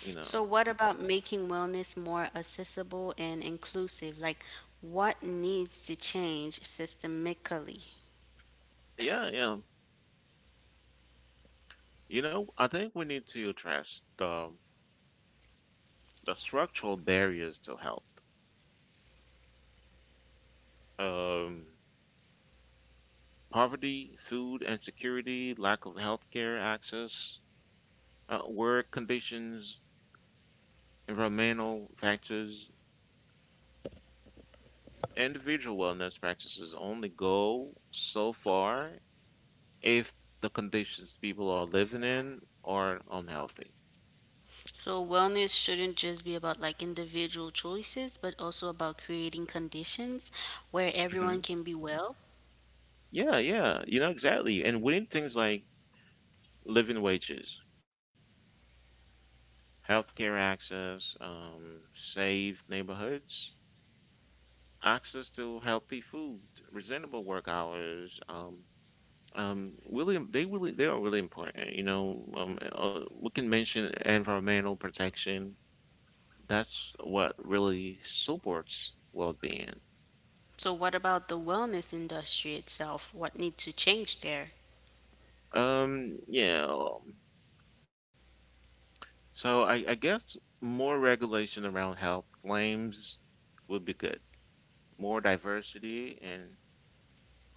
[SPEAKER 1] you know,
[SPEAKER 2] So, what about making wellness more accessible and inclusive? Like, what needs to change systemically?
[SPEAKER 1] yeah, yeah. You know, I think we need to address the structural barriers to health. Um, Poverty, food insecurity, lack of healthcare access, work conditions, environmental factors. Individual wellness practices only go so far if the conditions people are living in are unhealthy.
[SPEAKER 2] So, wellness shouldn't just be about like individual choices, but also about creating conditions where everyone
[SPEAKER 1] Hmm.
[SPEAKER 2] can be well.
[SPEAKER 1] Yeah, yeah, you know, exactly. And winning things like living wages, healthcare access, safe neighborhoods, access to healthy food, reasonable work hours, really they really they are really important, you know. We can mention environmental protection. That's what really supports well-being.
[SPEAKER 2] So, what about the wellness industry itself? What needs to change there?
[SPEAKER 1] Yeah, so I guess more regulation around health claims would be good, more diversity and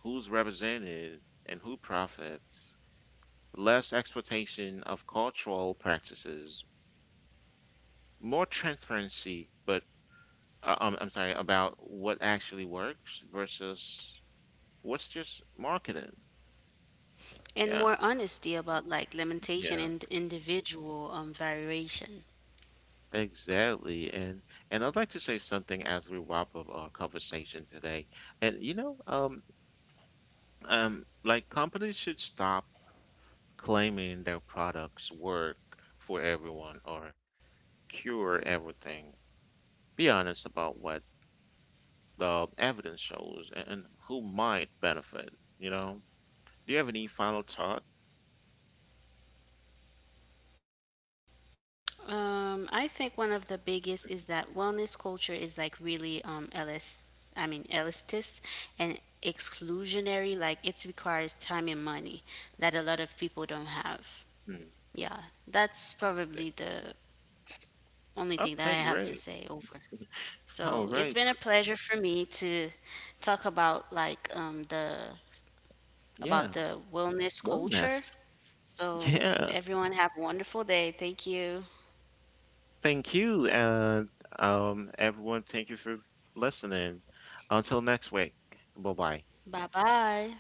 [SPEAKER 1] who's represented and who profits, less exploitation of cultural practices, more transparency about what actually works versus what's just marketing.
[SPEAKER 2] And
[SPEAKER 1] Yeah.
[SPEAKER 2] more honesty about like limitation
[SPEAKER 1] Yeah,
[SPEAKER 2] and individual variation.
[SPEAKER 1] exactly. And I'd like to say something as we wrap up our conversation today. And you know, like companies should stop claiming their products work for everyone or cure everything. Be honest about what the evidence shows and who might benefit, you know? Do you have any final thought?
[SPEAKER 2] I think one of the biggest is that wellness culture is like really I mean elitist and exclusionary. Like it requires time and money that a lot of people don't have.
[SPEAKER 1] Hmm.
[SPEAKER 2] Yeah, that's probably the only thing that
[SPEAKER 1] Okay,
[SPEAKER 2] I have to
[SPEAKER 1] great.
[SPEAKER 2] say over.
[SPEAKER 1] All
[SPEAKER 2] So it's
[SPEAKER 1] right.
[SPEAKER 2] been a pleasure for me to talk about like the about
[SPEAKER 1] Yeah.
[SPEAKER 2] the wellness
[SPEAKER 1] Wellness.
[SPEAKER 2] culture. So
[SPEAKER 1] Yeah.
[SPEAKER 2] everyone have a wonderful day. Thank you.
[SPEAKER 1] Thank you. And everyone, thank you for listening. Until next week. Bye bye.
[SPEAKER 2] Bye bye.